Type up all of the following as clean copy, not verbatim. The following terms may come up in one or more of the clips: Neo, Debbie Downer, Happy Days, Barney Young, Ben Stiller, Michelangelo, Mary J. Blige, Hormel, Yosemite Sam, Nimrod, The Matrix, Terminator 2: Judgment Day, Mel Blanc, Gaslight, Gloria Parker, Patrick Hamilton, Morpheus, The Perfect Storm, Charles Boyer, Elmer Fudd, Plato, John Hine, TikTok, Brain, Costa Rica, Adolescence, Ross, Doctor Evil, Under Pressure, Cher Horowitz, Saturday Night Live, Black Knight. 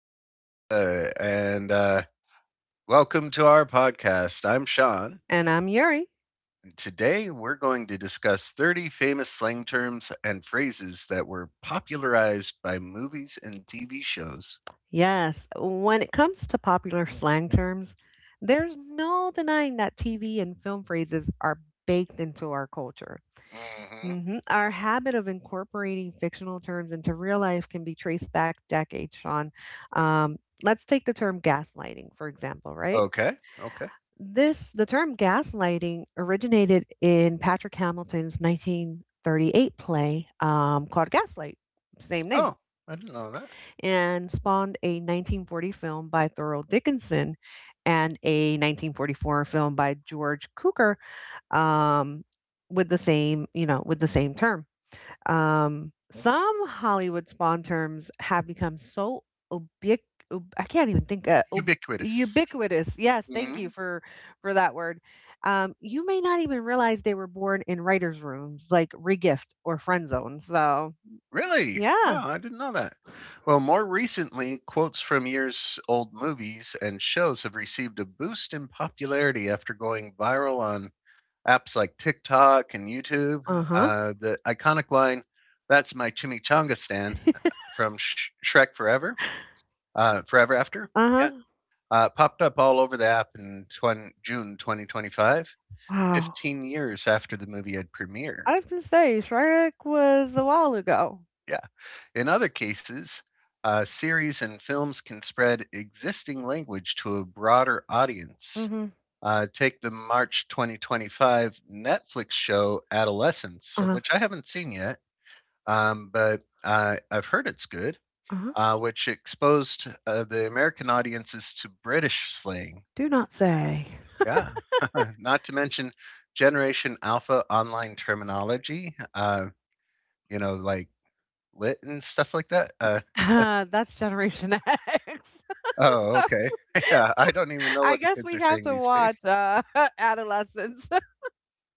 America, and welcome to our podcast. I'm Sean. And I'm Yuri. And today, we're going to discuss 30 famous slang terms and phrases that were popularized by movies and TV shows. Yes, when it comes to popular slang terms, there's no denying that TV and film phrases are baked into our culture. Hmm. Mhm. Our habit of incorporating fictional terms into real life can be traced back decades, Sean. Let's take the term gaslighting, for example, right? Okay, okay. The term gaslighting originated in Patrick Hamilton's 1938 play called Gaslight, same name, Oh, I didn't know that. and spawned a 1940 film by Thurl Dickinson and a 1944 film by George Cukor um, with the same, with the same term. Some Hollywood spawn terms have become so ubiqu- ub- I can't even think ub- Ubiquitous. ubiquitous. Yes, thank Hmm. you for that word. You may not even realize they were born in writers' rooms like regift or friend zone. So Really? yeah, Wow, I didn't know that. Well, more recently, quotes from years old movies and shows have received a boost in popularity after going viral on apps like TikTok and YouTube. uh huh, The iconic line, "That's my chimichanga stand," from Shrek Forever, Forever After. uh Yeah, huh. Popped up all over the app in June 2025, Wow. 15 years after the movie had premiered. I was gonna say Shrek was a while ago. Yeah. In other cases, series and films can spread existing language to a broader audience. Mm-hmm. Take the March 2025 Netflix show Adolescence, of Uh-huh. which I haven't seen yet. But I've heard it's good, Uh-huh. Which exposed the American audiences to British slang. Do not say. Yeah, not to mention Generation Alpha online terminology. Like lit and stuff like that. That's Generation X. Oh, So okay. yeah, I don't even know I what the guess kids are we have saying to these watch days. Adolescence.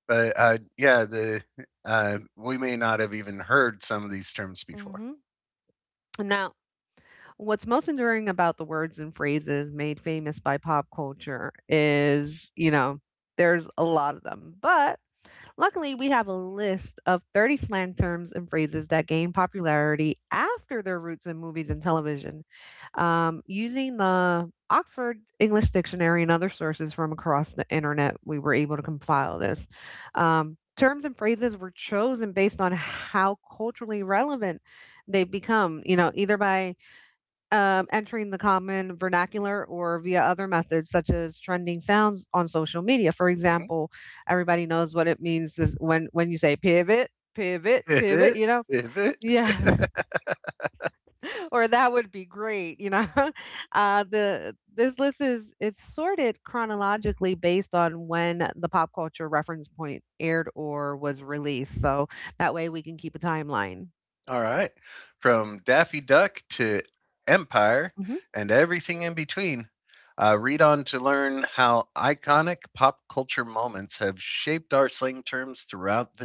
But yeah, the we may not have even heard some of these terms before. Mm-hmm. Now, what's most enduring about the words and phrases made famous by pop culture is, you know, there's a lot of them. But luckily, we have a list of 30 slang terms and phrases that gained popularity after their roots in movies and television. Using the Oxford English Dictionary and other sources from across the internet, we were able to compile this. Terms and phrases were chosen based on how culturally relevant they've become, you know, either by entering the common vernacular or via other methods such as trending sounds on social media. For Mhm. example, everybody knows what it means is when you say pivot, pivot, pivot, Pivot, you know? pivot. Yeah. Or that would be great, you know. The this list is it's sorted chronologically based on when the pop culture reference point aired or was released. So that way we can keep a timeline. All right. From Daffy Duck to Empire Mm-hmm. and everything in between, read on to learn how iconic pop culture moments have shaped our slang terms throughout the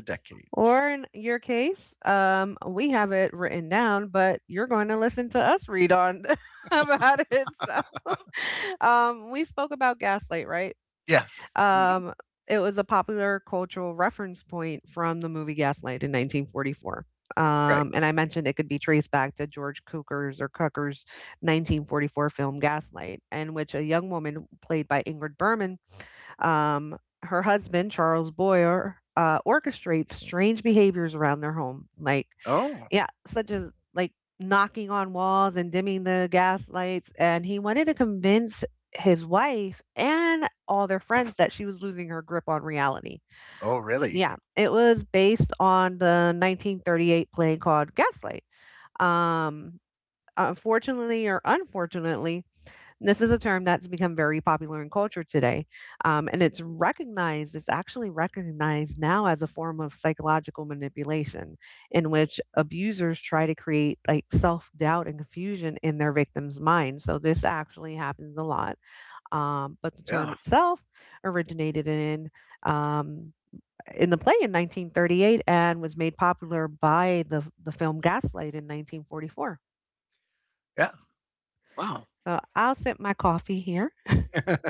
Or decades. in your case, we have it written down, but you're going to listen to us read on about it. So, we spoke about gaslight, right? Yes. Hmm. Um, it was a popular cultural reference point from the movie Gaslight in 1944. Right. And I mentioned it could be traced back to George Cukor's or Cukor's 1944 film Gaslight, in which a young woman played by Ingrid Bergman, um, her husband Charles Boyer orchestrates strange behaviors around their home, like Oh, yeah, such as like knocking on walls and dimming the gas lights. And he wanted to convince his wife and all their friends that she was losing her grip on reality. oh, really? Yeah, it was based on the 1938 play called Gaslight. Um, Unfortunately or unfortunately, this is a term that's become very popular in culture today. And it's recognized, it's actually recognized now as a form of psychological manipulation in which abusers try to create like self doubt and confusion in their victims' minds. So this actually happens a lot. But the term Yeah. itself originated um, in the play in 1938 and was made popular by the film Gaslight in 1944. Yeah. Wow. So I'll sip my coffee here.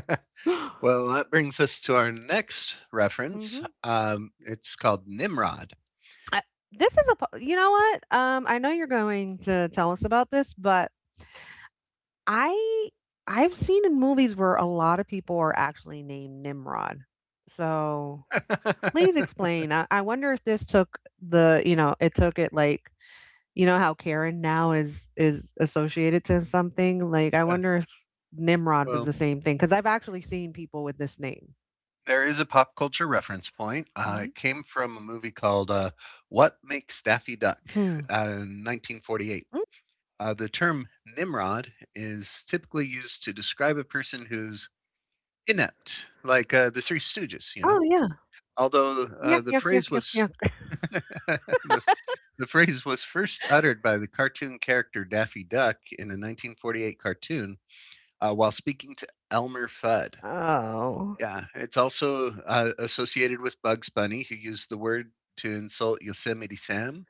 Hmm. well, that brings us to our next reference. It's called Nimrod. I This is a po you know what? I know you're going to tell us about this, but I I've seen in movies where a lot of people are actually named Nimrod. So please explain. I wonder if this took the, you know, it took it like, you know how Karen now is associated to something? Like I wonder if Nimrod was well, the same thing because I've actually seen people with this name. there is a pop culture reference point. Uh, Mhm. it came from a movie called What Makes Daffy Duck Hmm. In 1948. Mm. The term Nimrod is typically used to describe a person who's inept, like the Three Stooges. Oh yeah. Although Yuck, the yuck, yuck, phrase yuck, was yuck. the, the phrase was first uttered by the cartoon character Daffy Duck in a 1948 cartoon while speaking to Elmer Fudd. Oh. Yeah, it's also associated with Bugs Bunny, who used the word to insult Yosemite Sam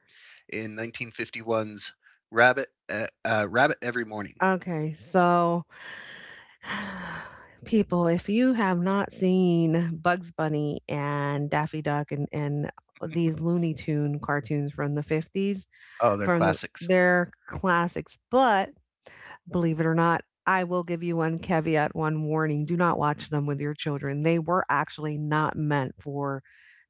in 1951's Rabbit Every Morning. Okay, so people, if you have not seen Bugs Bunny and Daffy Duck and these Looney Tune cartoons from the 50s, Oh, they're from classics. their classics, but believe it or not, I will give you one caveat, one warning. Do not watch them with your children. They were actually not meant for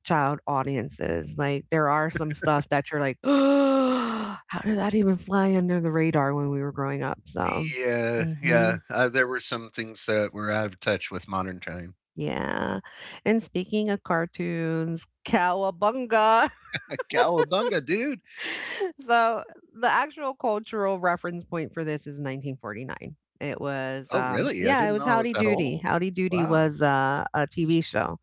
child audiences. Like there are some stuff that you're like, oh, "How did that even fly under the radar when we were growing up?" So, Yeah, mhm. yeah. There were some things that were out of touch with modern time. Yeah. And speaking of cartoons, Cowabunga. A cowabunga, dude. So the actual cultural reference point for this is 1949. It was, Oh, really? I yeah, it didn't was know I was Howdy that Doody. old. Howdy Doody Wow. was a TV show.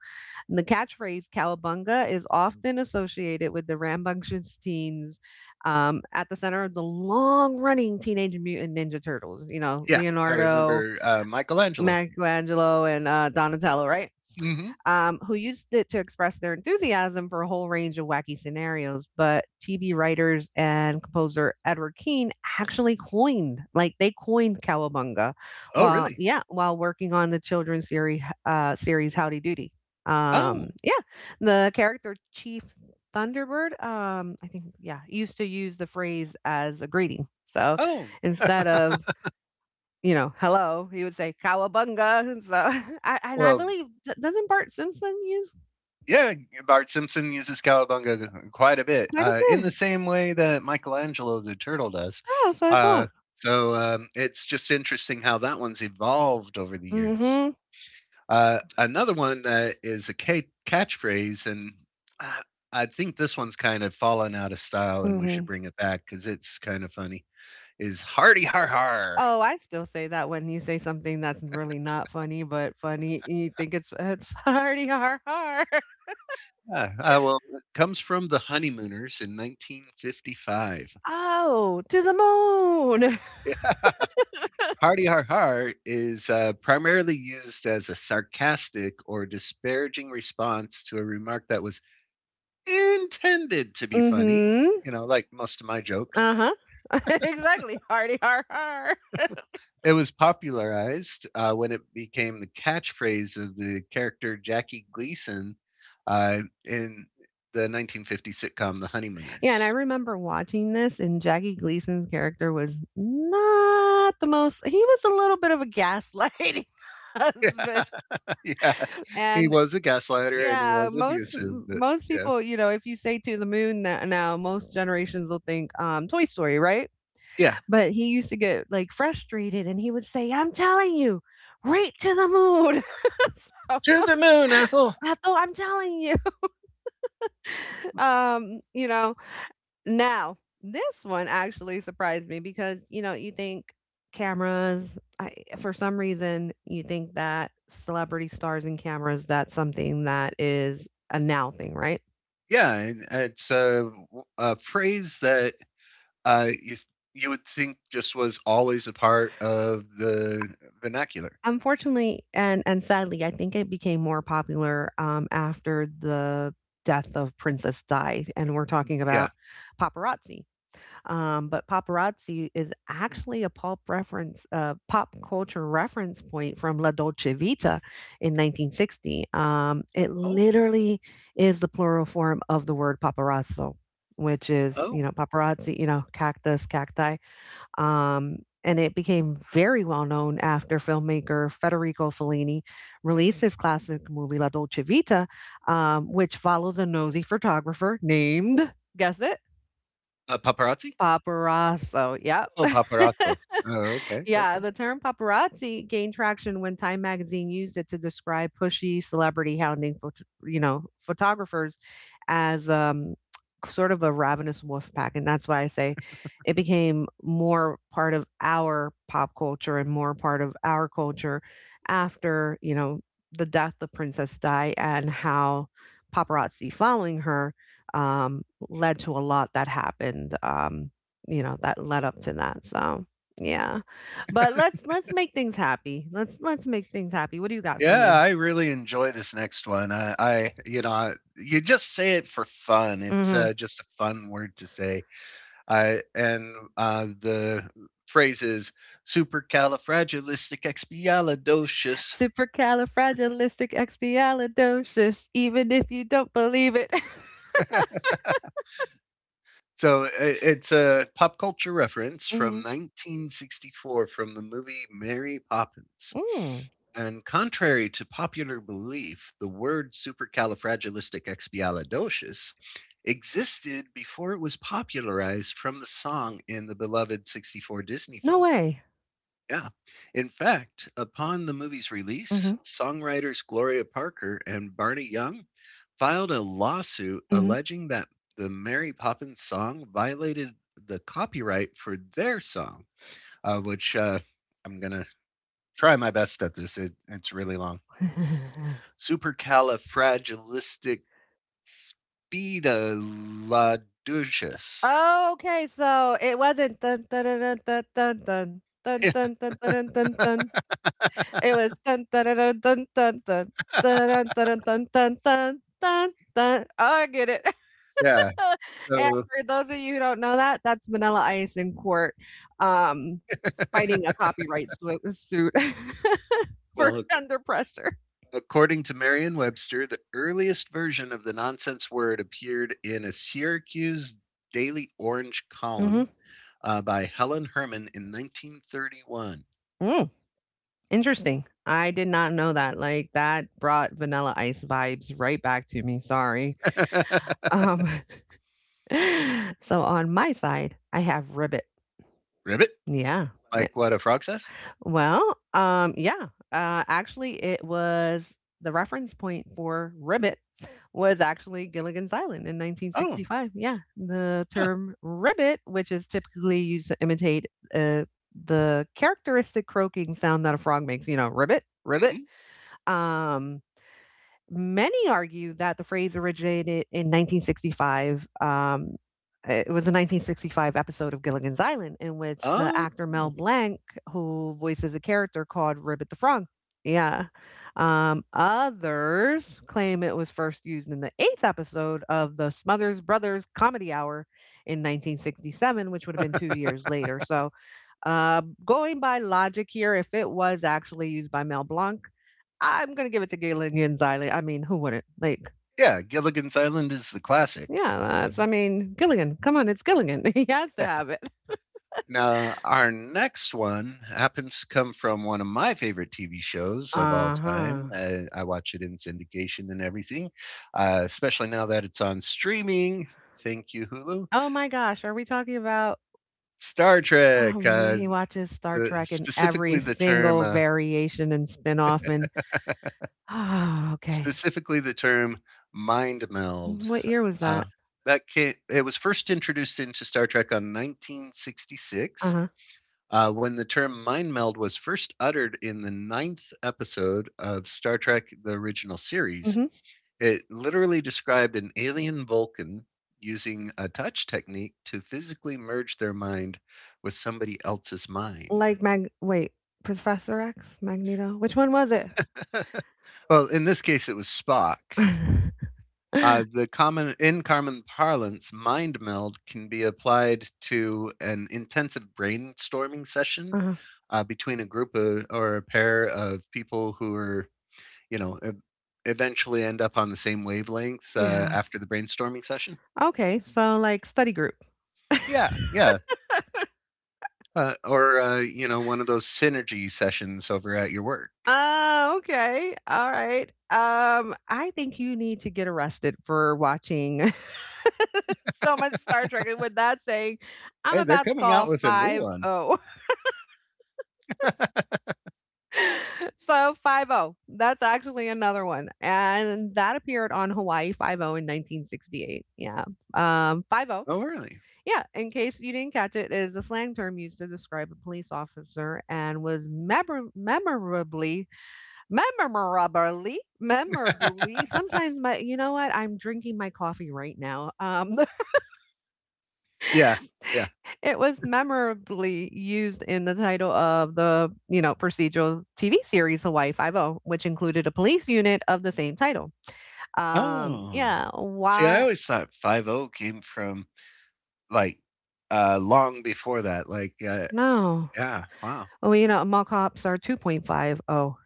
And the catchphrase "Cowabunga" is often associated with the rambunctious teens at the center of the long-running Teenage Mutant Ninja Turtles. You know, yes. Yeah, I Leonardo, remember Michelangelo. Michelangelo, and Donatello, right? Hmm. Who used it to express their enthusiasm for a whole range of wacky scenarios. But TV writers and composer Edward Keane actually coined, like they coined cowabunga, Oh, while really? yeah, while working on the children's series, series Howdy Doody. Oh, Yeah, the character Chief Thunderbird, I think, yeah, used to use the phrase as a greeting. So oh. instead of you know, "Hello," he would say, "Cowabunga," and so I and I Well, believe d doesn't Bart Simpson use yeah, Bart Simpson uses cowabunga quite a bit, quite a bit? In Yeah, the same way that Michelangelo the turtle does. that's what I Uh, thought. so it's just interesting how that one's evolved over the years. Mhm. Another one that is a catchphrase, and uh, I think this one's kind of fallen out of style, and we should Mhm. bring it back because it's kind of funny. Is "Hardy har har." Oh, I still say that when you say something that's really not funny, but funny, you think it's "Hardy har har." Yeah, well, it comes from the Honeymooners in 1955. "Oh, to the moon." Yeah. Hardy har har is primarily used as a sarcastic or disparaging response to a remark that was intended to be funny, Mhm. Like most of my jokes. Uh-huh. Exactly, "Hardy har har." It was popularized when it became the catchphrase of the character Jackie Gleason in the 1950 sitcom The Yeah, and I Honeymooners. remember watching this, and Jackie Gleason's character was not the most. He was a little bit of a gaslighting husband, Yeah, yeah. He and was a gaslighter and he yeah, was abusive, but most yeah. people, you know, if you say to the moon that now, most generations will think Toy Story, right? Yeah. But he used to get like frustrated, and he would say, "I'm telling you, right to the moon." So, To the moon, Ethel. I thought I'm telling you, you know, now, this one actually surprised me because, you know, you think cameras, for some reason, you think that celebrity stars and cameras, that's something that is a now thing, right? Yeah, and it's a phrase that uh, you, you would think just was always a part of the vernacular. Unfortunately, and sadly, I think it became more popular after the death of Princess Di, and we're talking Yeah. about paparazzi. But paparazzi is actually a pop culture reference point from La Dolce Vita in 1960. It Oh, literally is the plural form of the word paparazzo, which is, you oh, know, paparazzi, you know, cactus, cacti. And it became very well known after filmmaker Federico Fellini released his classic movie La Dolce Vita, which follows a nosy photographer named, guess it, paparazzi? Paparazzo, yep. Oh, paparazzo. Oh, okay. Yeah, Okay. the term paparazzi gained traction when Time magazine used it to describe pushy celebrity hounding, you know, photographers as sort of a ravenous wolf pack, and that's why I say it became more part of our pop culture and more part of our culture after you know the death of Princess Di and how paparazzi following her, um, led to a lot that happened. You know, that led up to that. So yeah. But let's make things happy. Let's make things happy. What do you got for Yeah, me? I really enjoy this next one. I, you know, I- you just say it for fun. It's Mhm. Just a fun word to say. I and the phrase is supercalifragilisticexpialidocious. Supercalifragilisticexpialidocious, even if you don't believe it. So I it's a pop culture reference from Mhm. 1964 from the movie Mary Poppins. Mm. And contrary to popular belief, the word supercalifragilisticexpialidocious existed before it was popularized from the song in the beloved 64 Disney No film. way. Yeah. In fact, upon the movie's release, Mhm. songwriters Gloria Parker and Barney Young filed a lawsuit Mhm. alleging that the Mary Poppins song violated the copyright for their song, which I'm going to try my best at this. It's really long. Supercalifragilisticexpialidocious. Okay, so it wasn't dun dun dun dun dun dun dun dun dun dun dun dun dun. It was dun dun dun dun dun dun dun dun dun dun dun dun dun dun. Oh, I get it. yeah. And So, for those of you who don't know that, that's Vanilla Ice in court, um, fighting a copyright suit for well, Under Pressure. according to Merriam Webster, the earliest version of the nonsense word appeared in a Syracuse Daily Orange column Mhm. By Helen Herman in 1931. Mm, interesting. I did not know that, like, that brought Vanilla Ice vibes right back to me, sorry. Um, so on my side, I have Ribbit. Ribbit, Yeah. Eh, like what a frog says. well, yeah. Actually, it was the reference point for ribbit was actually Gilligan's Island in Oh, 1965. Yeah, the huh. term ribbit, which is typically used to imitate uh, the characteristic croaking sound that a frog makes, you know, ribbit, ribbit, Hmm. um, many argue that the phrase originated in 1965. It was a 1965 episode of Gilligan's Island in which the Oh, actor Mel Blanc, who voices a character called Ribbit the Frog. Yeah. Others claim it was first used in the eighth episode of the Smothers Brothers Comedy Hour in 1967, which would have been 2 years later. So going by logic here, if it was actually used by Mel Blanc, I'm gonna give it to Gilligan Xylee. I mean, who wouldn't? Like, yeah. Gilligan's Island is the classic. yeah, that's. I mean, Gilligan. Come on, it's Gilligan. He has to Yeah. have it. Now, our next one happens to come from one of my favorite TV shows of all Uh huh. time. I watch it in syndication and everything, especially now that it's on streaming. Thank you, Hulu. Oh my gosh, are we talking about? Star Trek. Oh, he watches Star The, Trek in every specifically the term single variation and spin-off and oh, okay. Specifically, the term "mind meld." What year was Uh, that? that ca it was first introduced into Star Trek on 1966, Uh-huh. When the term "mind meld" was first uttered in the ninth episode of Star Trek: The Original Series. Hmm. It literally described an alien Vulcan using a touch technique to physically merge their mind with somebody else's mind. Like Professor X, Magneto. Which one was it? Well, in this case, it was Spock. Uh-huh. The common in common parlance, mind meld can be applied to an intensive brainstorming session between a group of, or a pair of people who are, you know, e- eventually end up on the same wavelength Yeah. after the brainstorming session. Okay, so like study group. Yeah, yeah. Or one of those synergy sessions over at your work. Oh, okay. All right. I think you need to get arrested for watching so much Star Trek. And with that saying, I'm Hey, they're about to coming out call with a new one. 50. So 50. That's actually another one. And that appeared on Hawaii 50 in 1968. Yeah. 50. Oh, really? Yeah, in case you didn't catch it, is a slang term used to describe a police officer and was memorably. Memorably, memorably yeah, sometimes my, you know what? I'm drinking my coffee right now. Yeah. It was memorably used in the title of the, you know, procedural TV series Hawaii Five O, which included a police unit of the same title. Oh. Yeah, See, I why? always thought 50 came from, like, long before that, like, No. yeah, wow. Well, you know, mall cops are 2.50,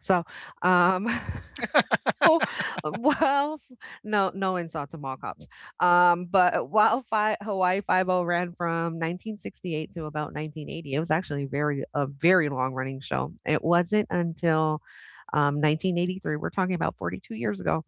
so, um Oh, well, no, no insults to mall cops. But while Hawaii Five O ran from 1968 to about 1980, it was actually very a very long running show. It wasn't until 1983, we're talking about 42 years ago,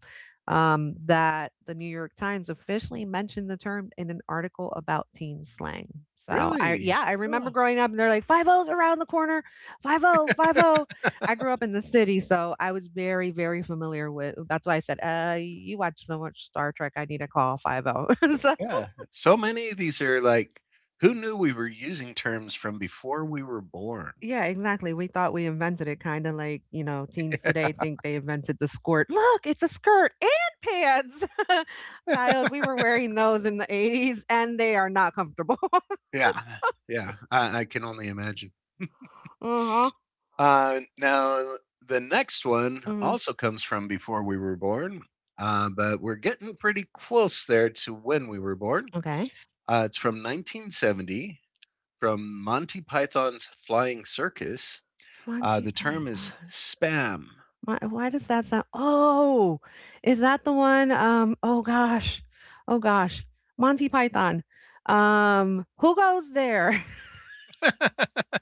that the New York Times officially mentioned the term in an article about teen slang. So I Really? yeah, I remember Oh, growing up and they're like five O's around the corner, five O. I grew up in the city, so I was very, very familiar with... That's why I said, you watch so much Star Trek, I need to call 50." So yeah. So many of these are like, who knew we were using terms from before we were born? yeah, exactly. We thought we invented it, kinda like, teens today think they invented the skirt. Look, it's a skirt and pants. Child, we were wearing those in the 80s, and they are not comfortable. Yeah, yeah, I can only imagine. Uh huh. Now the next one Mhm. also comes from before we were born, but we're getting pretty close there to when we were born. Okay. It's from 1970, from Monty Python's Flying Circus, uh, Monty the term is Python. spam. Why does that sound... Oh, is that the one, oh gosh, Monty Python. Who goes there?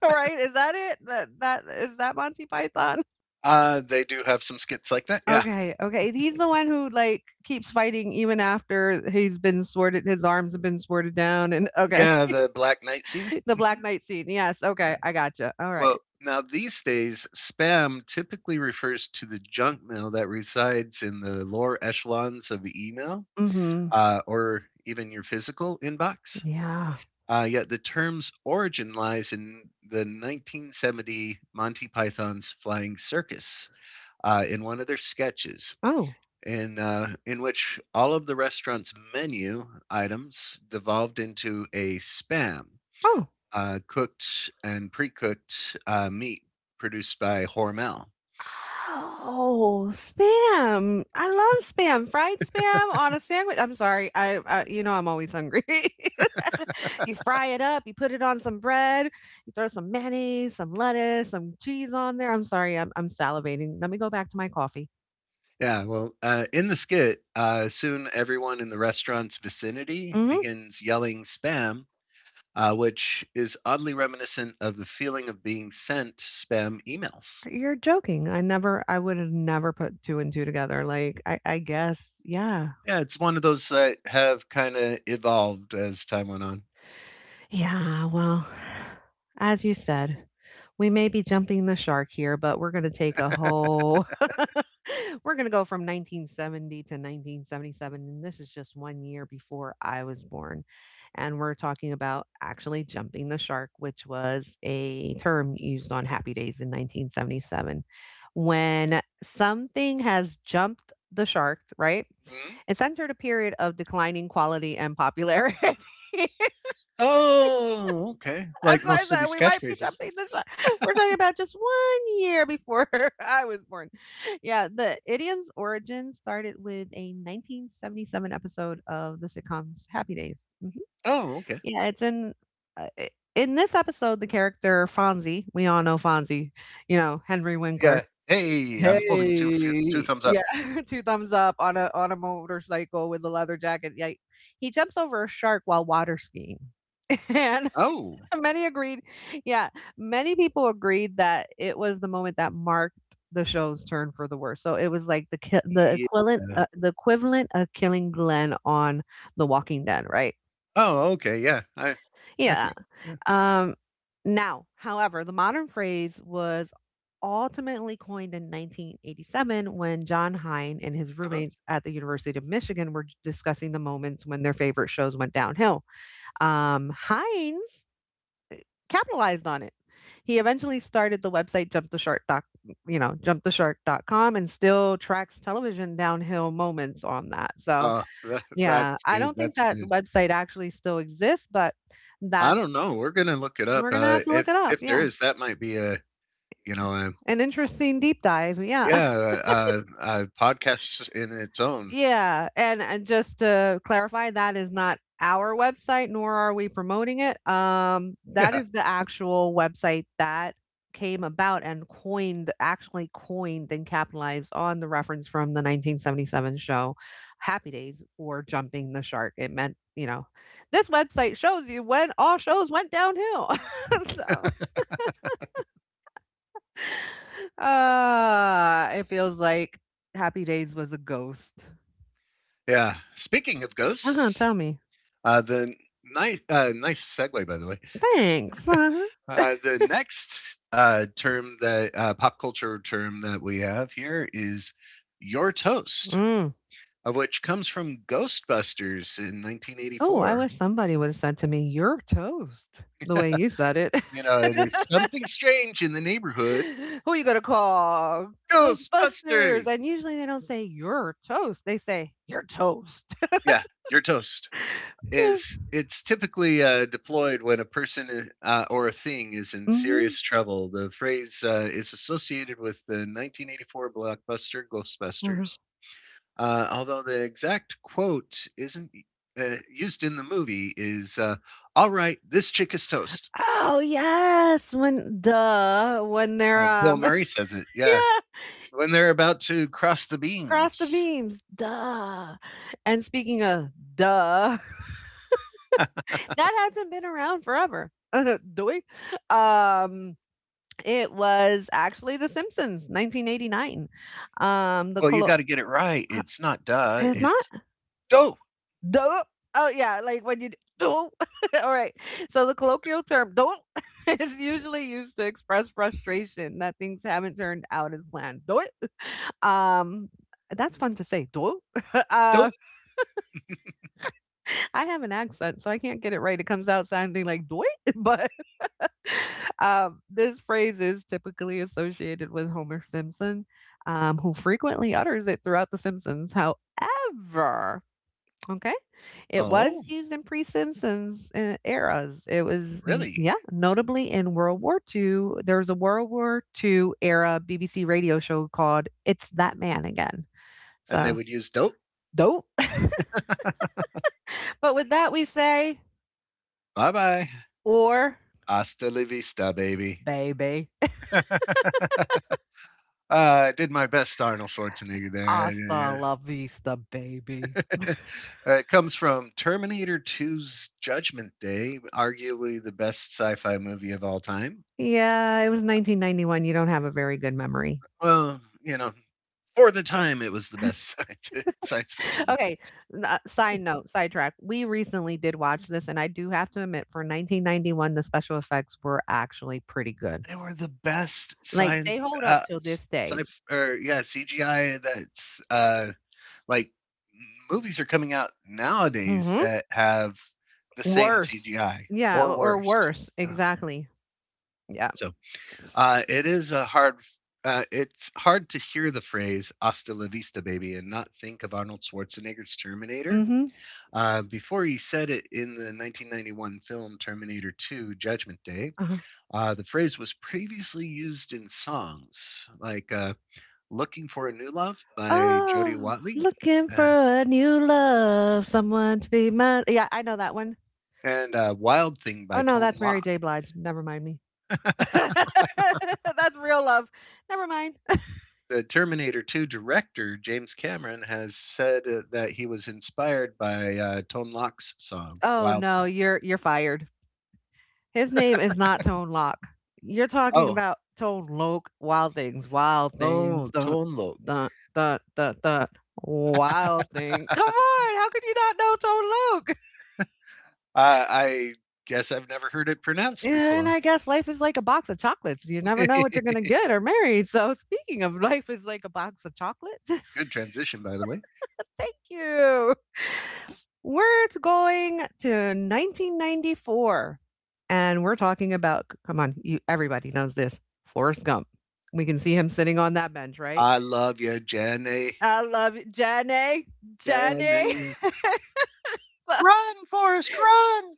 Right? Is that it? That is that Monty Python? They do have some skits like that. Yeah. Okay, okay, he's the one who, like, keeps fighting even after he's been sworded. His arms have been sworded down, and okay, Yeah, the Black Knight scene. the Black Knight scene. Yes, okay, Yeah. I gotcha, Well, alright. now these days, spam typically refers to the junk mail that resides in the lower echelons of email Mhm, or even your physical inbox. yeah. Yet the term's origin lies in the 1970 Monty Python's Flying Circus. In one of their sketches, Oh, in which all of the restaurant's menu items devolved into a spam, oh. Cooked and pre-cooked meat produced by Hormel. Oh, spam. I love spam. Fried spam on a sandwich. I'm sorry. I You know, I'm always hungry. You fry it up, you put it on some bread, you throw some mayonnaise, some lettuce, some cheese on there. I'm sorry. I'm salivating. Let me go back to my coffee. Yeah, well, in the skit, soon everyone in the restaurant's vicinity Mhm. begins yelling spam, which is oddly reminiscent of the feeling of being sent spam emails. You're joking. I would have never put two and two together. Like I guess. Yeah. Yeah, it's one of those that have kind of evolved as time went on. Yeah, well, as you said, we may be jumping the shark here, but we're going to take a whole... We're going to go from 1970 to 1977, and this is just one year before I was born. And we're talking about actually jumping the shark, which was a term used on Happy Days in 1977. When something has jumped the shark, right? Mhm. It's entered a period of declining quality and popularity. Oh, okay. That's Like why I most of said these we might be catchphrases. jumping the shark. We're talking about just one year before I was born. Yeah, the idiom's origin started with a 1977 episode of the sitcom's Happy Days. Hmm. Oh, okay. Yeah, it's in uh, i- in this episode the character Fonzie. We all know Fonzie, you know Henry Winkler. Yeah. Hey, I'm holding two Hey, thumbs up. yeah, two thumbs up on a motorcycle with a leather jacket. Yeah, he jumps over a shark while water skiing. Oh, Many agreed, yeah, many people agreed that it was the moment that marked the show's turn for the worse, so it was like the yeah. equivalent uh, the equivalent of killing Glenn on The Walking Dead, right? Oh, okay. Yeah. I see. Yeah, Yeah. um, now, however, the modern phrase was ultimately coined in 1987 when John Hine and his Uh-huh. roommates at the University of Michigan were discussing the moments when their favorite shows went downhill. Hines capitalized on it. He eventually started the website jumptheshark.com, and still tracks television downhill moments on that. So, Uh, that, yeah, that's I good. don't think That's that good. website actually still exists, but I that's... don't know. We're gonna look it up. We're going to Uh, have to look it if up. if there Yeah. is, that might be a you know a An interesting deep dive. Yeah. yeah a podcast in its own. Yeah, and just to clarify, that is not our website, nor are we promoting it. That Yeah. is the actual website that came about and coined, actually coined and capitalized on the reference from the 1977 show Happy Days or Jumping the Shark. It meant, you know, this website shows you when all shows went downhill. So it feels like Happy Days was a ghost. Yeah. Speaking of Uh-huh, ghosts. tell me. Uh, the nice uh, nice segue, by the way. Thanks. Uh-huh. The next term that pop culture term that we have here is your toast, Mm. of which comes from Ghostbusters in Oh, I 1984. wish somebody would have said to me, "You're toast," the way you said it. You know, there's something strange in the neighborhood. Who you gonna call? Ghostbusters. Ghostbusters. And usually they don't say "You're toast." They say "You're toast." Yeah, your toast is it's typically deployed when a person or a thing is in Hmm. serious trouble. The phrase is associated with the 1984 blockbuster Uh-huh. Ghostbusters. Although the exact quote isn't used in the movie is "all right, this chick is toast." Oh yes, when when they're Bill Murray says it. Yeah, yeah, when they're about to cross the across the beams. beams, duh. And speaking of duh, that hasn't been around forever. Do we? Um, It was actually The Simpsons, 1989. Um, the well, you colo- got to get it right. uh, It's not "duh," it's not. it's "dope." Duh. Oh yeah, like when you duh. All right. So the colloquial term "duh" is usually used to express frustration that things haven't turned out as planned. Duh. Um, that's fun to say. Duh. uh, Dope. I have an accent, so I can't get it right. It comes out sounding like "duh," but... This phrase is typically associated with Homer Simpson, who frequently utters it throughout The Simpsons. However, okay, it Oh, was used in pre-Simpsons eras. It was, really? Notably in World War II. There was a World War II era BBC radio show called "It's That Man Again." And they So would use "dope." dope. But with that, we say, bye-bye. or "Hasta la vista, baby." baby, uh, I did my best Arnold Schwarzenegger hasta there. la vista, baby. It comes from Terminator 2's Judgment Day, arguably the best sci fi movie of all time. Yeah, it was 1991. You don't have a very good memory. Well, for the time, it was the best science fiction movie. Okay, side note, sidetrack. We recently did watch this, and I do have to admit, for 1991, the special effects were actually pretty good. They were the best Like they science, hold up uh, till this day. sci or yeah, CGI. That's like movies are coming out nowadays Hmm. that have the same Worse. CGI Yeah, or or worse. worse. Yeah. Exactly. Yeah. So it is a hard. It's hard to hear the phrase "Hasta la vista, baby" and not think of Arnold Schwarzenegger's Terminator. Mm-hmm. Before he said it in the 1991 film Terminator 2: Judgment Day, Uh-huh. the phrase was previously used in songs like "Looking for a New Love" by Jody Oh, Watley, looking uh, for a new love, someone to be mine. Yeah, I know that one. and "Wild Thing" by Oh no, Tone that's Mary Loc. J. Blige. Never mind me. That's real love. Never mind. The Terminator 2 director, James Cameron, has said that he was inspired by Tone Loc's song, Oh "Wild no, Thing." you're fired. His name is not Tone Lock. You're talking Oh, about Tone Loc. Wild things, wild things. oh, Dun Tone Loc. dun dun dun dun. Wild thing. Come on, how could you not know Tone Loc? I guess I've never heard it pronounced And before. I guess life is like a box of chocolates. You never know what you're gonna Good get or marry. So speaking of life is like a box of chocolates, transition, by the way. thank you. We're going to 1994, and we're talking about... Come on, you everybody knows this. Forrest Gump. We can see him sitting on that bench, right? I love you, Jenny. I love you, Jenny. Jenny. Jenny. So, Run, Forrest, run.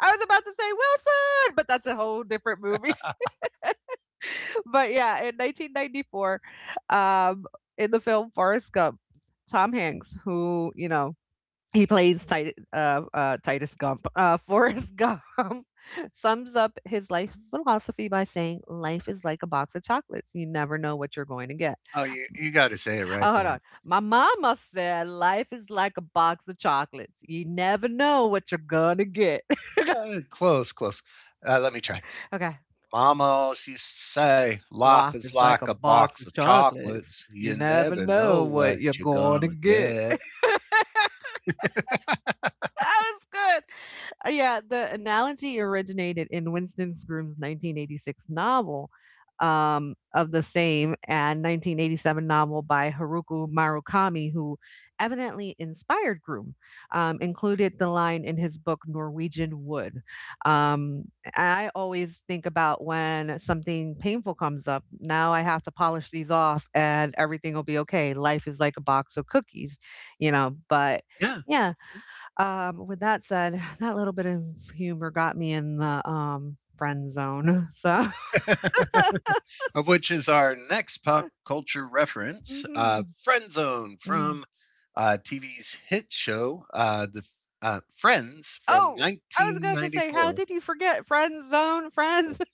I was about to say Wilson, but that's a whole different movie. But yeah, in 1994, um, in the film Forrest Gump, Tom Hanks, who you know, he plays Titus, Titus Gump. Forrest Gump. Sums up his life philosophy by saying, "Life is like a box of chocolates. You never know what you're going to get." Oh, you got to say it right, Oh, hold though. on. My mama said, "Life is like a box of chocolates. You never know what you're gonna get." Close, close. Let me try. Okay. Mama always used to say, Life life is is like a like a box box of of chocolates. chocolates. You You never never know know what what you're you're going to gonna get. get. That was good. Yeah, the analogy originated in Winston Groom's 1986 novel of the same and 1987 novel by Haruki Murakami, who evidently inspired Groom, included the line in his book Norwegian Wood. Um, I always think about when something painful comes up. Now I have to polish these off, and everything will be okay. Life is like a box of cookies, you know. But Yeah. yeah, with that said, that little bit of humor got me in the, friend zone, so... Of which is our next pop culture reference, Mhm, Friendzone mm. from TV's hit show, the Friends from Oh, I was going to say, how 1994. did you forget friend zone, friends?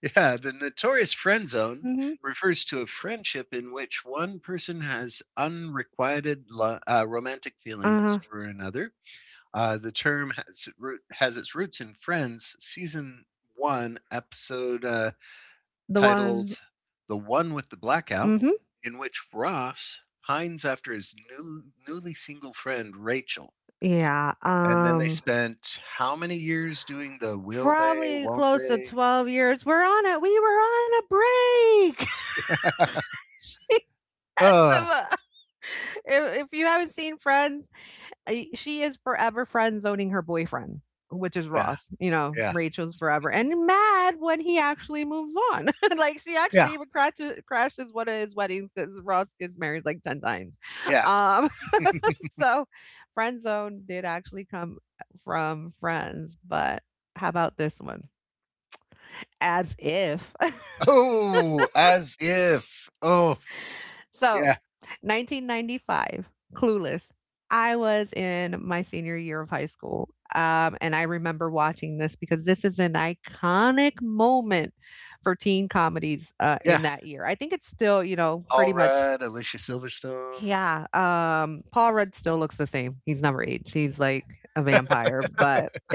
Yeah, the notorious friend zone Mhm, refers to a friendship in which one person has unrequited romantic feelings uh-huh, for another. The term has its roots in Friends season 1 episode the titled one, "The One with the Blackout," mhm, in which Ross pines after his newly single friend Rachel. yeah, And then they spent how many years doing the "Will they? probably Won't close to they?" 12 years. We're on it. We were on a break. She had, Oh, uh if you haven't seen Friends, she is forever friend zoning her boyfriend, which is yeah, Ross. You know, yeah, Rachel's forever and mad when he actually moves on. Like she yeah, actually even crashes one of his weddings because Ross gets married like ten times. yeah. Um, so friend zone did actually come from friends, but how about this one? As if. Oh, as if. Oh, So, yeah, 1995, Clueless. I was in my senior year of high school. And I remember watching this because this is an iconic moment for teen comedies yeah. in that year. I think it's still, you know, pretty All much. right, Alicia Silverstone. Yeah. Paul Rudd still looks the same. He's never aged. He's like a vampire, but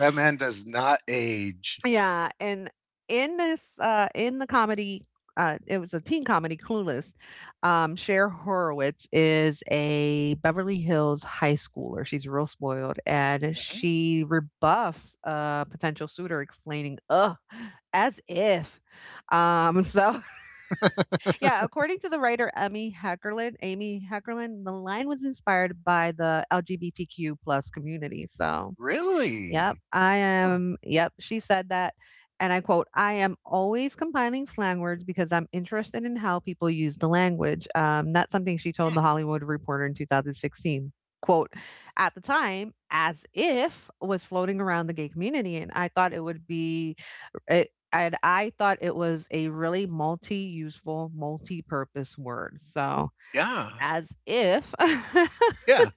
That man does not age. Yeah, and in the comedy, it was a teen comedy, Clueless. Cher Horowitz is a Beverly Hills high schooler. She's real spoiled, and Mhm. she rebuffs a potential suitor, explaining, "Ugh, as if." So yeah, According to the writer Amy Heckerlin, the line was inspired by the LGBTQ plus community. So Yep, Really? I Huh, am yep, she said that, and I quote, "I am always compiling slang words because I'm interested in how people use the language." That's something she told hmm, The Hollywood Reporter in 2016. Quote, "At the time, as if' was floating around the gay community, and I thought it would be it and I thought it was a really multi-purpose word." So, yeah, as if. yeah.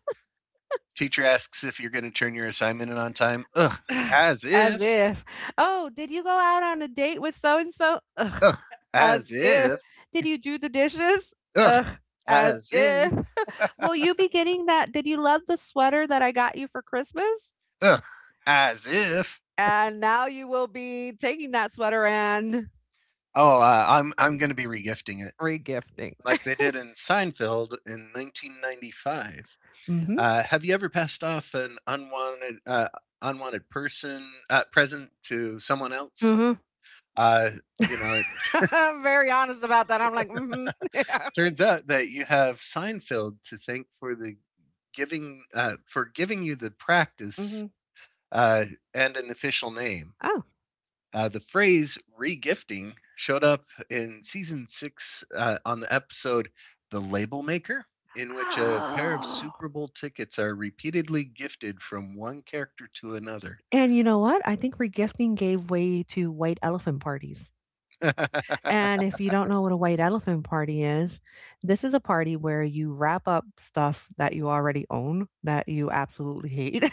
Teacher asks if you're gonna turn your assignment in on time. Ugh, as As if. if, "Oh, did you go out on a date with so and so?" Ugh, As as if. if. Did you do the dishes? Ugh, Ugh. As as if. if. Will you be getting that? Did you love the sweater that I got you for Christmas? Ugh, as if. And now you will be taking that sweater and Oh, I'm gonna be regifting it regifting. like they did in Seinfeld in 1995. Mm-hmm. Have you ever passed off an unwanted person present to someone else? Mm-hmm. Uh, you know, it I'm very honest about that. I'm like, mm-hmm. Yeah. turns out that you have Seinfeld to thank for the giving for giving you the practice Mm-hmm. uh, and an official name. Oh. The phrase regifting showed up in season 6 on the episode "The Label Maker," in which a pair of Oh. Super Bowl tickets are repeatedly gifted from one character to another. And you know what? I think regifting gave way to white elephant parties. Yeah, And if you don't know what a white elephant party is, this is a party where you wrap up stuff that you already own that you absolutely hate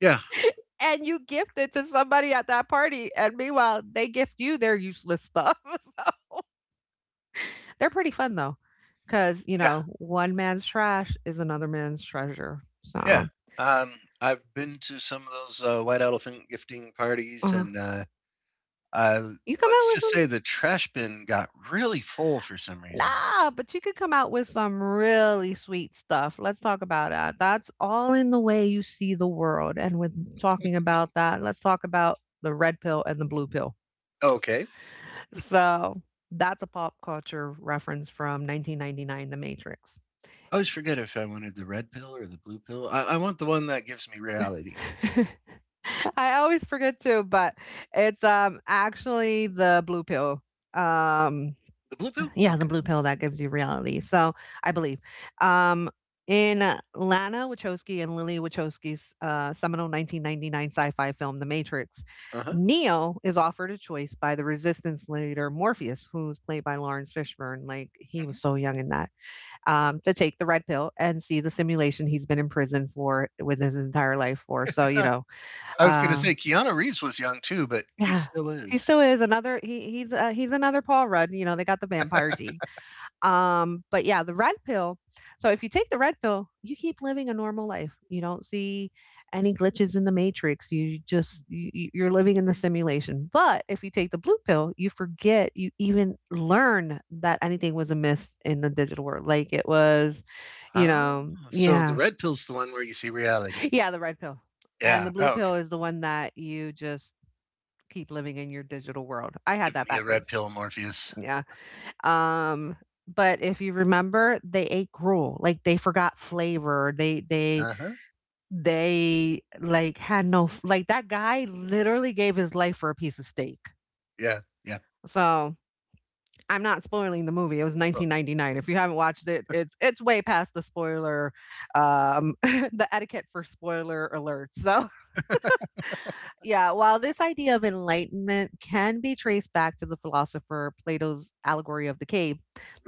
yeah, and you gift it to somebody at that party. And meanwhile, they gift you their useless stuff. So, they're pretty fun though, because, you know, one man's trash is another man's treasure. yeah. So Um, I've been to some of those white elephant gifting parties, uh, and uh, you come out let's with just them. say the trash bin got really full for some reason. Nah, but you could come out with some really sweet stuff. Let's talk about that. That's all in the way you see the world. And with talking about that, let's talk about the red pill and the blue pill. Okay. So that's a pop culture reference from 1999, The Matrix. I always forget if I wanted the red pill or the blue pill. I want the one that gives me reality. I always forget too, but it's actually the blue pill. Um, The blue pill? Yeah, the Okay. blue pill that gives you reality. So I believe. Um, in Lana Wachowski and Lily Wachowski's seminal 1999 sci fi film, The Matrix, Uh huh. Neo is offered a choice by the resistance leader Morpheus, who's played by Lawrence Fishburne. Like, he Mhm. was so young in that, to take the red pill and see the simulation he's been in prison for with his entire life for. So, you know, I was going to uh, say Keanu Reeves was young too, but he yeah. still He is. still is another. He's another Paul Rudd. You know, they got the vampire gene. But yeah, the red pill. So if you take the red pill, you keep living a normal life. You don't see any glitches in the matrix. You're living in the simulation. But if you take the blue pill, you forget you even learn that anything was amiss in the digital world. Like it was, you Ah, know, so the yeah. red pill's the one where you see reality. Yeah, the red pill. And Yeah. the blue Oh, okay. pill is the one that you just keep living in your digital world. I had Give that me a red backwards. pill, Morpheus. Yeah. Um, but if you remember, they ate gruel. Like they forgot flavor. They they Uh huh. they like had no f- like that guy literally gave his life for a piece of steak. Yeah. Yeah. So I'm not spoiling the movie. It was Oh, 1999. If you haven't watched it, it's way past the spoiler, the etiquette for spoiler alerts. So yeah, while this idea of enlightenment can be traced back to the philosopher Plato's allegory of the cave,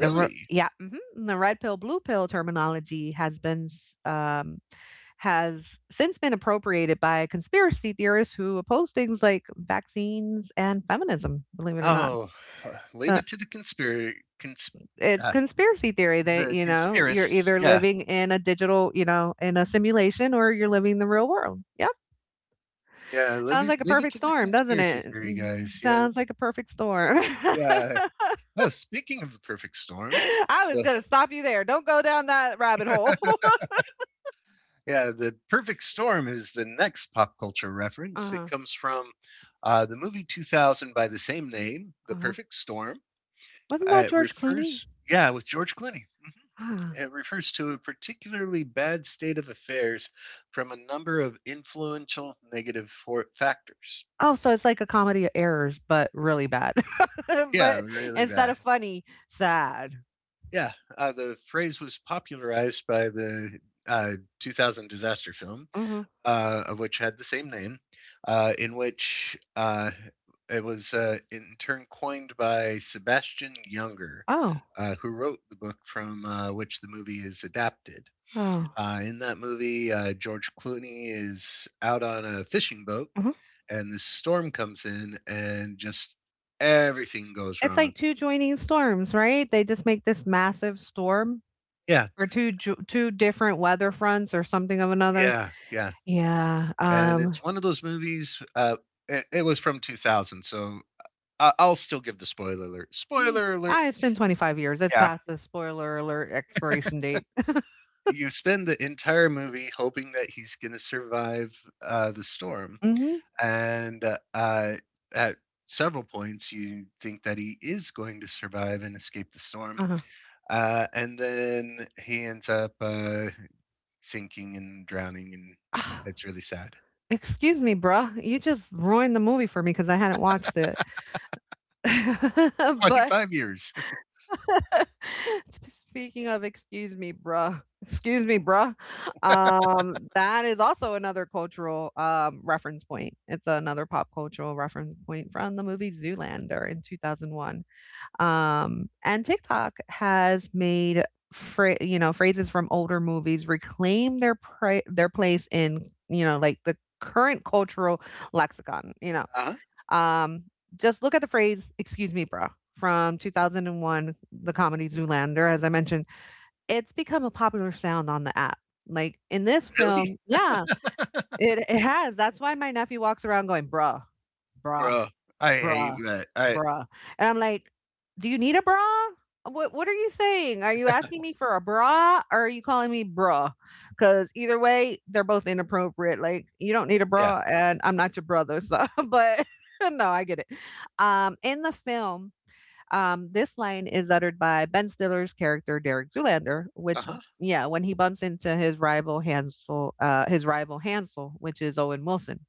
the Really? Re- yeah, mhm, the red pill blue pill terminology has since been appropriated by conspiracy theorists who oppose things like vaccines and feminism. Believe it or not, Oh, leave so it to the conspiracy. Consp- it's uh, conspiracy theory that the you know you're conspiracists. either Yeah. living in a digital, you know, in a simulation, or you're living the real world. Yeah. Yeah. Leave Sounds it, like a leave it perfect to the storm, doesn't conspiracy it? theory guys. Mhm. Yeah. Sounds like a perfect storm. Yeah. Oh, speaking of the perfect storm, I was the, gonna stop you there. Don't go down that rabbit hole. yeah, the perfect storm is the next pop culture reference. It Uh-huh, comes from the movie 2000 by the same name, The uh-huh. Perfect Storm. Wasn't that George Clooney? Yeah, with George Clooney. Ah. It refers to a particularly bad state of affairs from a number of influential factors. Oh, so it's like a comedy of errors, but really bad. Yeah, But really instead bad. of funny, sad. Yeah, the phrase was popularized by the uh, 2000 disaster film Mhm. Of which had the same name, in which it was in turn coined by Sebastian Younger, Oh. Who wrote the book from which the movie is adapted. Oh. In that movie, George Clooney is out on a fishing boat, Mhm. and this storm comes in, and just everything goes It's like wrong. 2 joining storms, right? They just make this massive storm Yeah, or 2 different weather fronts or something of another. yeah, yeah. Yeah, And um it's one of those movies. It was from 2000, so I'll still give the spoiler alert. Spoiler alert. Ah, it's been 25 years. It's Yeah. past the spoiler alert expiration date. You spend the entire movie hoping that he's gonna survive, the storm, Mhm. and, at several points, you think that he is going to survive and escape the storm, Uh-huh. And then he ends up, sinking and drowning, and Ah, it's really sad. excuse me, bruh. You just ruined the movie for me because I hadn't watched it. But 25 years. speaking of excuse me, bruh. Excuse me, bruh. That is also another cultural reference point. It's another pop cultural reference point from the movie Zoolander in 2001. And TikTok has made you know phrases from older movies reclaim their place in you know like the current cultural lexicon. You know, Uh-huh, um, just look at the phrase "excuse me, bro" from 2001, the comedy Zoolander. As I mentioned, it's become a popular sound on the app. Like in this really? film, yeah, it has. That's why my nephew walks around going, bruh, Bro, I hate bruh, that. I bruh. And I'm like, do you need a bra? What are you saying? Are you asking me for a bra or are you calling me bruh? Because either way, they're both inappropriate. Like, you don't need a yeah. bra and I'm not your brother. So but no, I get it. In the film, this line is uttered by Ben Stiller's character Derek Zoolander, which Uh-huh. yeah, when he bumps into his rival Hansel, which is Owen Wilson.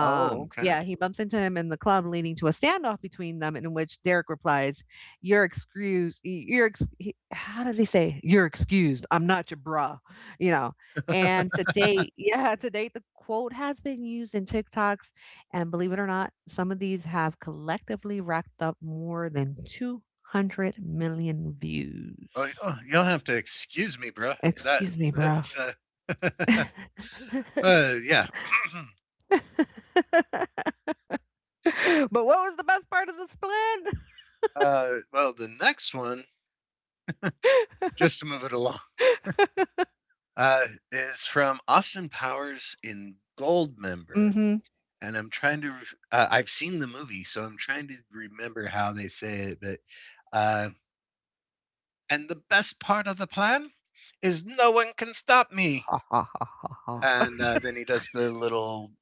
Oh, okay. Yeah, he bumps into him in the club, leading to a standoff between them, in which Derek replies, "You're excused. You're ex- he- how does he say? You're excused. I'm not your bra." You know, and to date, yeah, to date, the quote has been used in TikToks, and believe it or not, some of these have collectively racked up more than 200 million Oh, views. oh, you'll have to excuse me, bro. That Excuse me, bro. that's yeah. But what was the best part of the split? Well, the next one, just to move it along, uh, is from Austin Powers in Goldmember, Mhm. and I'm trying to. I've seen the movie, so I'm trying to remember how they say it. But uh, and the best part of the plan is no one can stop me. Ha ha ha ha ha. And then he does the little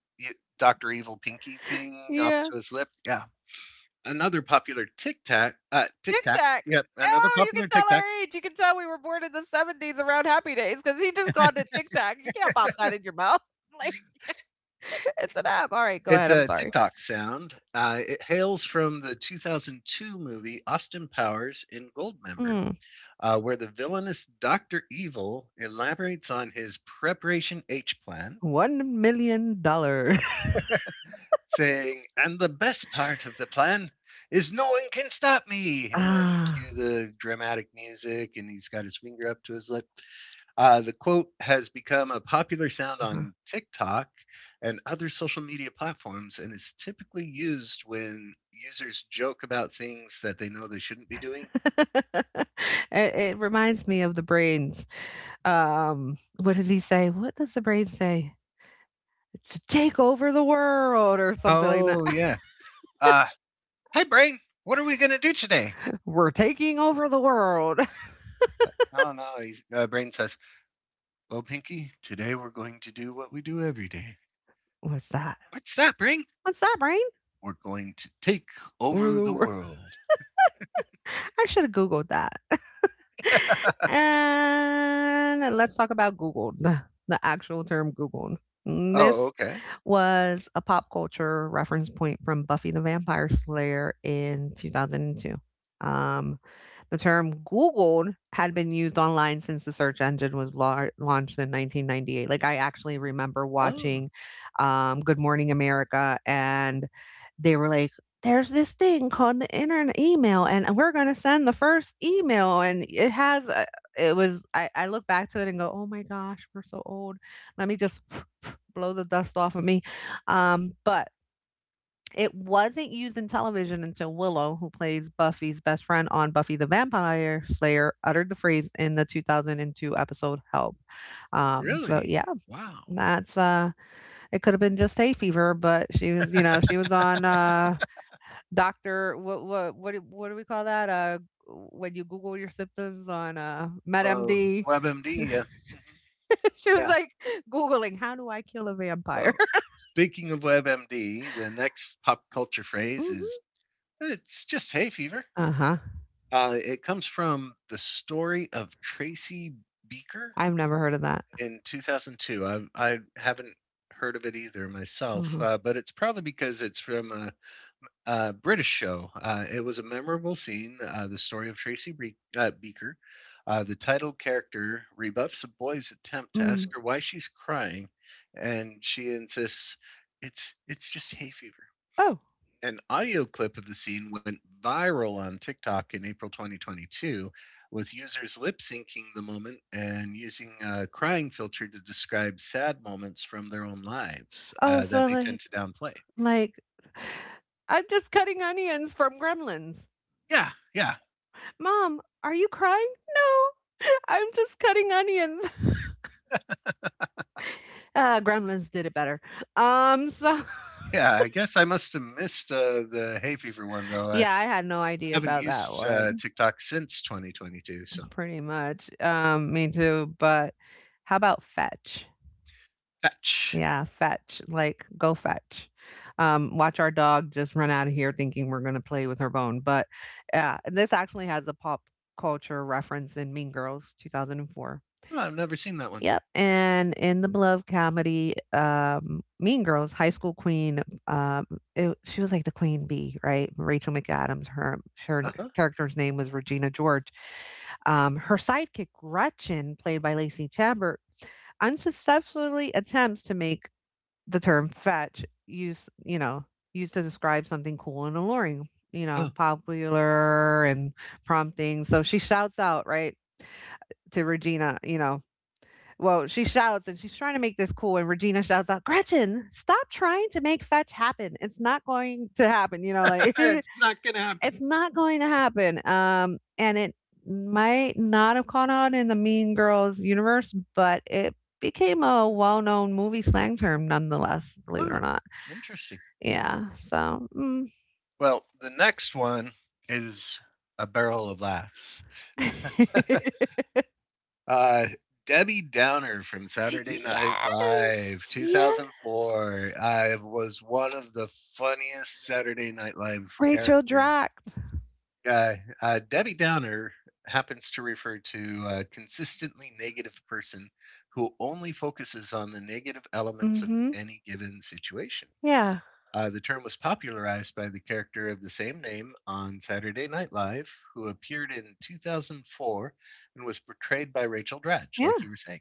Doctor Evil pinky thing up Yeah. to his lip. Yeah. Another popular tic tac, tic Tic tac. Tac. Yep. Another Oh, you can popular tic tell tac. our age. You can tell we were born in the '70s around Happy days, because he just called it Tic Tac. You can't pop that in your mouth. Like, it's an app. All right, go It's ahead. I'm a sorry. TikTok sound. It hails from the 2002 movie Austin Powers in Goldmember, Mm. Where the villainous Dr. Evil elaborates on his Preparation H plan, $1,000,000. saying, and the best part of the plan is no one can stop me. And then Ah. cue the dramatic music, and he's got his finger up to his lip. The quote has become a popular sound Uh-huh. on TikTok and other social media platforms and is typically used when users joke about things that they know they shouldn't be doing. It reminds me of the brains. What does he say? What does the brain say? "To take over the world," or something like that. Oh, yeah. Uh, Hi, Brain. What are we going to do today? "We're taking over the world." Oh, no. He's, Brain says, well, Pinky, today we're going to do what we do every day. What's that? What's that, Brain? What's that, brain? We're going to take We're over the the wor world. I should have Googled that. And let's talk about Googled, the actual term Googled. Mm, Oh, this okay. was a pop culture reference point from Buffy the Vampire Slayer in 2002. Um, the term Googled had been used online since the search engine was lar launched in 1998. Like, I actually remember Oh, watching, Good Morning America, and they were like, there's this thing called the internet email and we're going to send the first email and it has a, I look back to it and go oh my gosh we're so old let me just blow the dust off of me but it wasn't used in television until willow who plays buffy's best friend on buffy the vampire slayer uttered the phrase in the 2002 episode help so really? yeah Wow. that's it could have been just hay fever but she was you know she was on Doctor, what do we call that? When you Google your symptoms on Oh, MedMD. WebMD, yeah. Hmm, she was yeah. like Googling, "How do I kill a vampire?" Well, speaking of WebMD, the next pop culture phrase Mhm. is it's just hay fever. Uh-huh. It comes from the story of Tracy Beaker I've never heard of that. in 2002. I haven't heard of it either myself, Mhm. But it's probably because it's from a British show. It was a memorable scene, the story of Tracy Bre- Beaker. The title character rebuffs a boy's attempt to ask Mm. her why she's crying, and she insists it's just hay fever. Oh. An audio clip of the scene went viral on TikTok in April 2022, with users lip syncing the moment and using a crying filter to describe sad moments from their own lives Oh, that so they tend to downplay. like I'm just cutting onions from Gremlins. Yeah, yeah. "Mom, are you crying?" "No, I'm just cutting onions." Gremlins did it better. So Yeah, I guess I must have missed the hay fever one though. I yeah, I had no idea haven't about that used one. TikTok since 2022, so Pretty much. Me too, but how about fetch? fetch. Yeah, fetch, like, go fetch. Watch our dog just run out of here thinking we're gonna play with her bone, but, yeah, this actually has a pop culture reference in Mean Girls 2004. Oh, I've never seen that one. Yep, and in the beloved comedy, Mean Girls, high school queen, um, it she was like the queen bee, right? Rachel McAdams, her Uh huh. character's name was Regina George, her sidekick, Gretchen, played by Lacey Chabert, unsuccessfully attempts to make the term fetch use, you know, used to describe something cool and alluring, you know, Oh, popular and prompting. So she shouts out, right, to Regina, you know, well, she shouts and she's trying to make this cool. And Regina shouts out, Gretchen, stop trying to make fetch happen. It's not going to happen, you know, like, it's It's not gonna happen. not going to happen. And it might not have caught on in the Mean Girls universe, but it became a well known movie slang term nonetheless, believe it or Oh, not. interesting. Yeah. So, mm. Well, the next one is a barrel of laughs. Uh, Debbie Downer from Saturday Night Live Yes. Yes. 2004. I was one of the funniest Saturday Night Live Rachel characters. Dracht. Uh, Debbie Downer happens to refer to a consistently negative person who only focuses on the negative elements of Hmm. any given situation. Yeah. The term was popularized by the character of the same name on Saturday Night Live, who appeared in 2004 and was portrayed by Rachel Dratch, like you Yeah. were saying.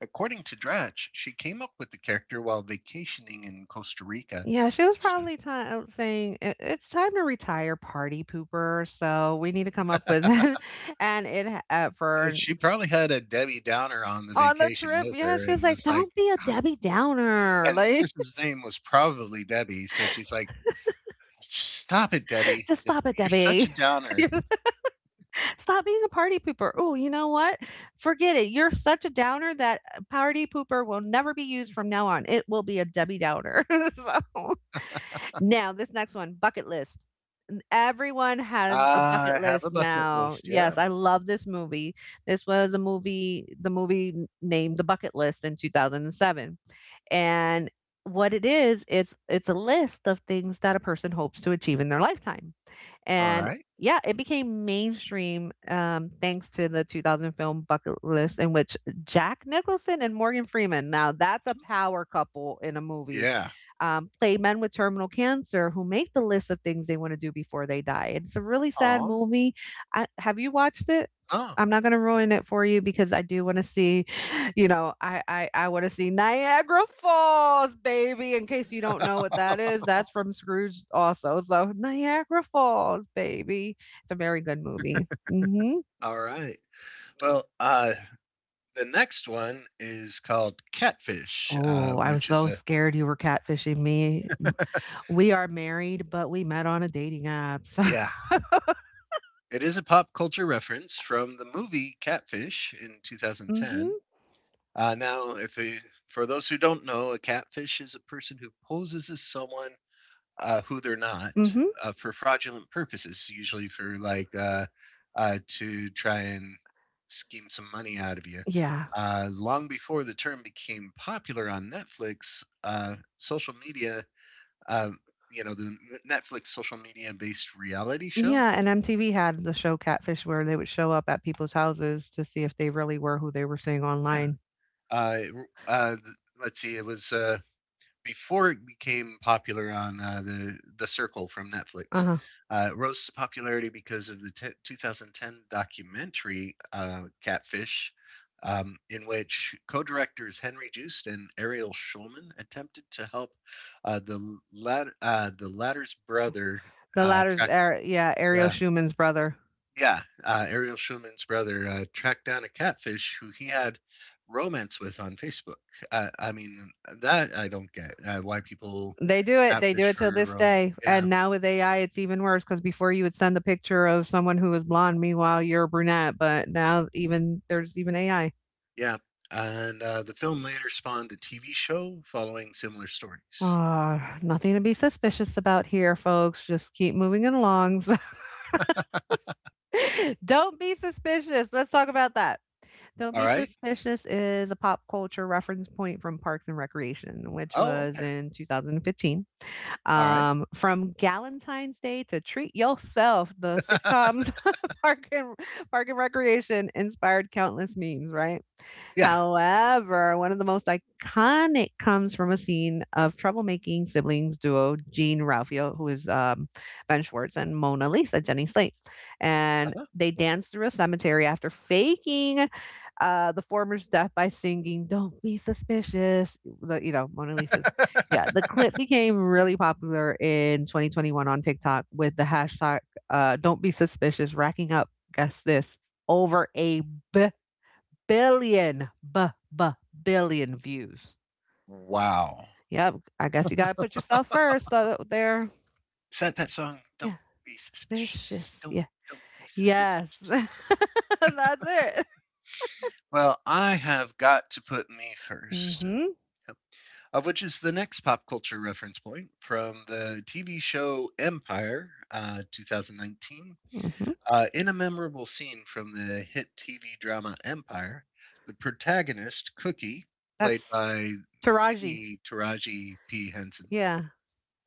According to Dratch, she came up with the character while vacationing in Costa Rica. Yeah. She was So probably saying, "I- it's time to retire, party pooper. So we need to come up with, and it for she probably had a Debbie Downer on the On the vacation trip, with yeah, her she was and like, was like, "Don't be a "Ah," Debbie Downer, and the like, person's name was probably Debbie, so she's like, "Just stop it, Debbie. just Just stop it, you're such a Debbie. downer." You're like, stop being a party pooper. Oh, you know what? Forget it. You're such a downer that party pooper will never be used from now on. It will be a Debbie Downer." So, now this next one, bucket list. Everyone has a bucket "I have a list bucket now. list, Yes, yeah. I love this movie. This was a movie the movie n named The Bucket List in 2007. And what it is, it's a list of things that a person hopes to achieve in their lifetime. And Alright. yeah, it became mainstream thanks to the 2000 film Bucket List, in which Jack Nicholson and Morgan Freeman, now that's a power couple in a movie, Yeah. Play men with terminal cancer who make the list of things they want to do before they die. It's a really sad Oh. movie. I, have you watched it? Oh. I'm not going to ruin it for you because I do want to see, I wanna see Niagara Falls, baby, in case you don't know what that is, that's from Scrooge also, so Niagara Falls, baby. It's a very good movie. Mhm. Alright. Well, the next one is called Catfish, Oh, I was which is so a scared you were catfishing me. M, we are married, but we met on a dating app, so yeah. It is a pop culture reference from the movie Catfish in 2010. Mhm, Now, if a, For those who don't know, a catfish is a person who poses as someone who they're not mhm. For fraudulent purposes, usually for like to try and scheme some money out of you. Yeah. Long before the term became popular on Netflix, social media, uh, you know, the Netflix social media based reality show. Yeah, and MTV had the show Catfish where they would show up at people's houses to see if they really were who they were saying Yeah. online. Uh, uh, th- let's see, it was. Before it became popular on the Circle from Netflix, Uh-huh. It rose to popularity because of the 2010 documentary Catfish, in which co-directors Henry Joost and Ariel Schulman attempted to help the latter's brother The latter's track. Ar, yeah, Ariel Yeah, Schumann's brother. yeah, Ariel Schulman's brother tracked down a catfish who he had romance with on Facebook. I mean, that I don't get why people They do it, they do catfish it till for this rom. day, Yeah, and now with AI, it's even worse. Because before you would send the picture of someone who was blonde, meanwhile, you're a brunette, but now even there's even AI. yeah. And the film later spawned a TV show following similar stories. Ah, nothing to be suspicious about here, folks, just keep moving it along, so Don't Be Suspicious, let's talk about that. Don't All Be right. Suspicious is a pop culture reference point from Parks and Recreation, which Oh, was okay. in 2015. All right. From Galentine's Day to Treat Yourself, the sitcoms Park and Park and Recreation inspired countless memes, right? Yeah. However, one of the most iconic comes from a scene of troublemaking siblings duo Jean Ralphio, who is Ben Schwartz, and Mona Lisa, Jenny Slate. And they dance through a cemetery after faking the former's death by singing "Don't be suspicious." The, you know, Mona Lisa's. Uh-huh. Yeah, the clip became really popular in 2021 on TikTok with the hashtag "Don't be suspicious," racking up. Guess this over a Billion, b b billion views. Wow. Yep, I guess you gotta put yourself first out there. Is that that song? Don't Yeah, be suspicious. vicious. Don't Yeah, be suspicious. yes, that's it. Well, I have got to put me first, Mhm, which is the next pop culture reference point from the TV show Empire, 2019. mhm. In a memorable scene from the hit TV drama Empire, the protagonist, Cookie, played That's by Taraji. the Taraji P. Henson, Yeah,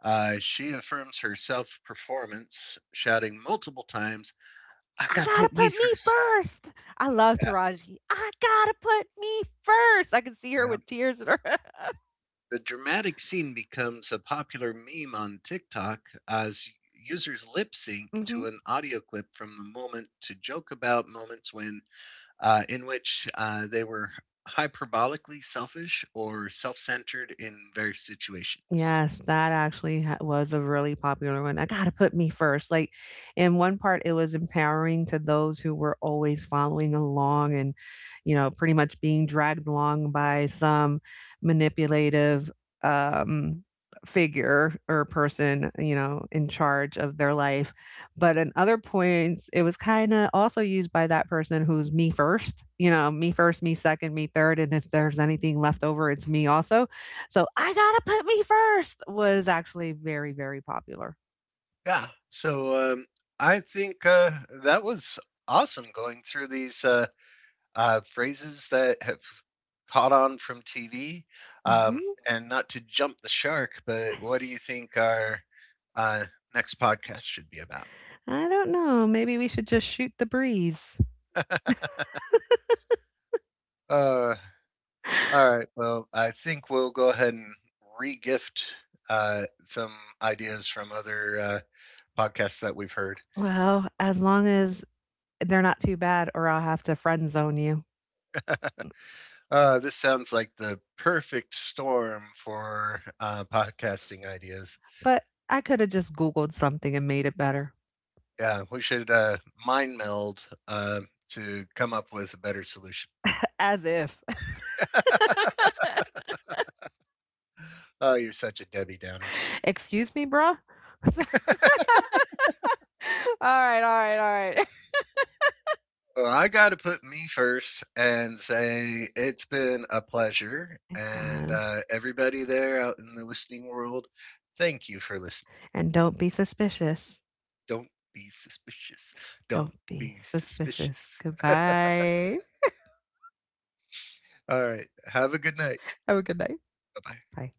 she affirms her self performance, shouting multiple times, I I gotta gotta put me put me first." first. I love Yeah, Taraji. I gotta put me first. I can see her yeah. with tears in her. The dramatic scene becomes a popular meme on TikTok as users lip sync Mhm. to an audio clip from the moment to joke about moments in which they were hyperbolically selfish or self centered in various situations. Yes, that actually ha was a really popular one. I gotta put me first. Like, in one part, it was empowering to those who were always following along and, you know, pretty much being dragged along by some manipulative um, figure or person, you know, in charge of their life. But in other points, it was kind of also used by that person who's me first, you know, me first, me second, me third. And if there's anything left over, it's me also, so I gotta put me first was actually very, very popular. Yeah. So I think that was awesome going through these. Phrases that have caught on from TV. Um, Mhm. and not to jump the shark, but what do you think our uh, next podcast should be about? I don't know. Maybe we should just shoot the breeze. Uh, all right. Well, I think we'll go ahead and re-gift some ideas from other podcasts that we've heard. Well, as long as they're not too bad, or I'll have to friend zone you. This sounds like the perfect storm for podcasting ideas. But I could have just Googled something and made it better. Yeah, we should mind meld to come up with a better solution. As if. Oh, you're such a Debbie Downer. Excuse me, bruh? All right, all right, all right. Well, I got to put me first and say it's been a pleasure. It And has. Everybody there out in the listening world, thank you for listening. And don't be suspicious. Don't be suspicious. Don't Don't be be suspicious. suspicious. Goodbye. All right. Have a good night. Have a good night. Bye bye. Bye.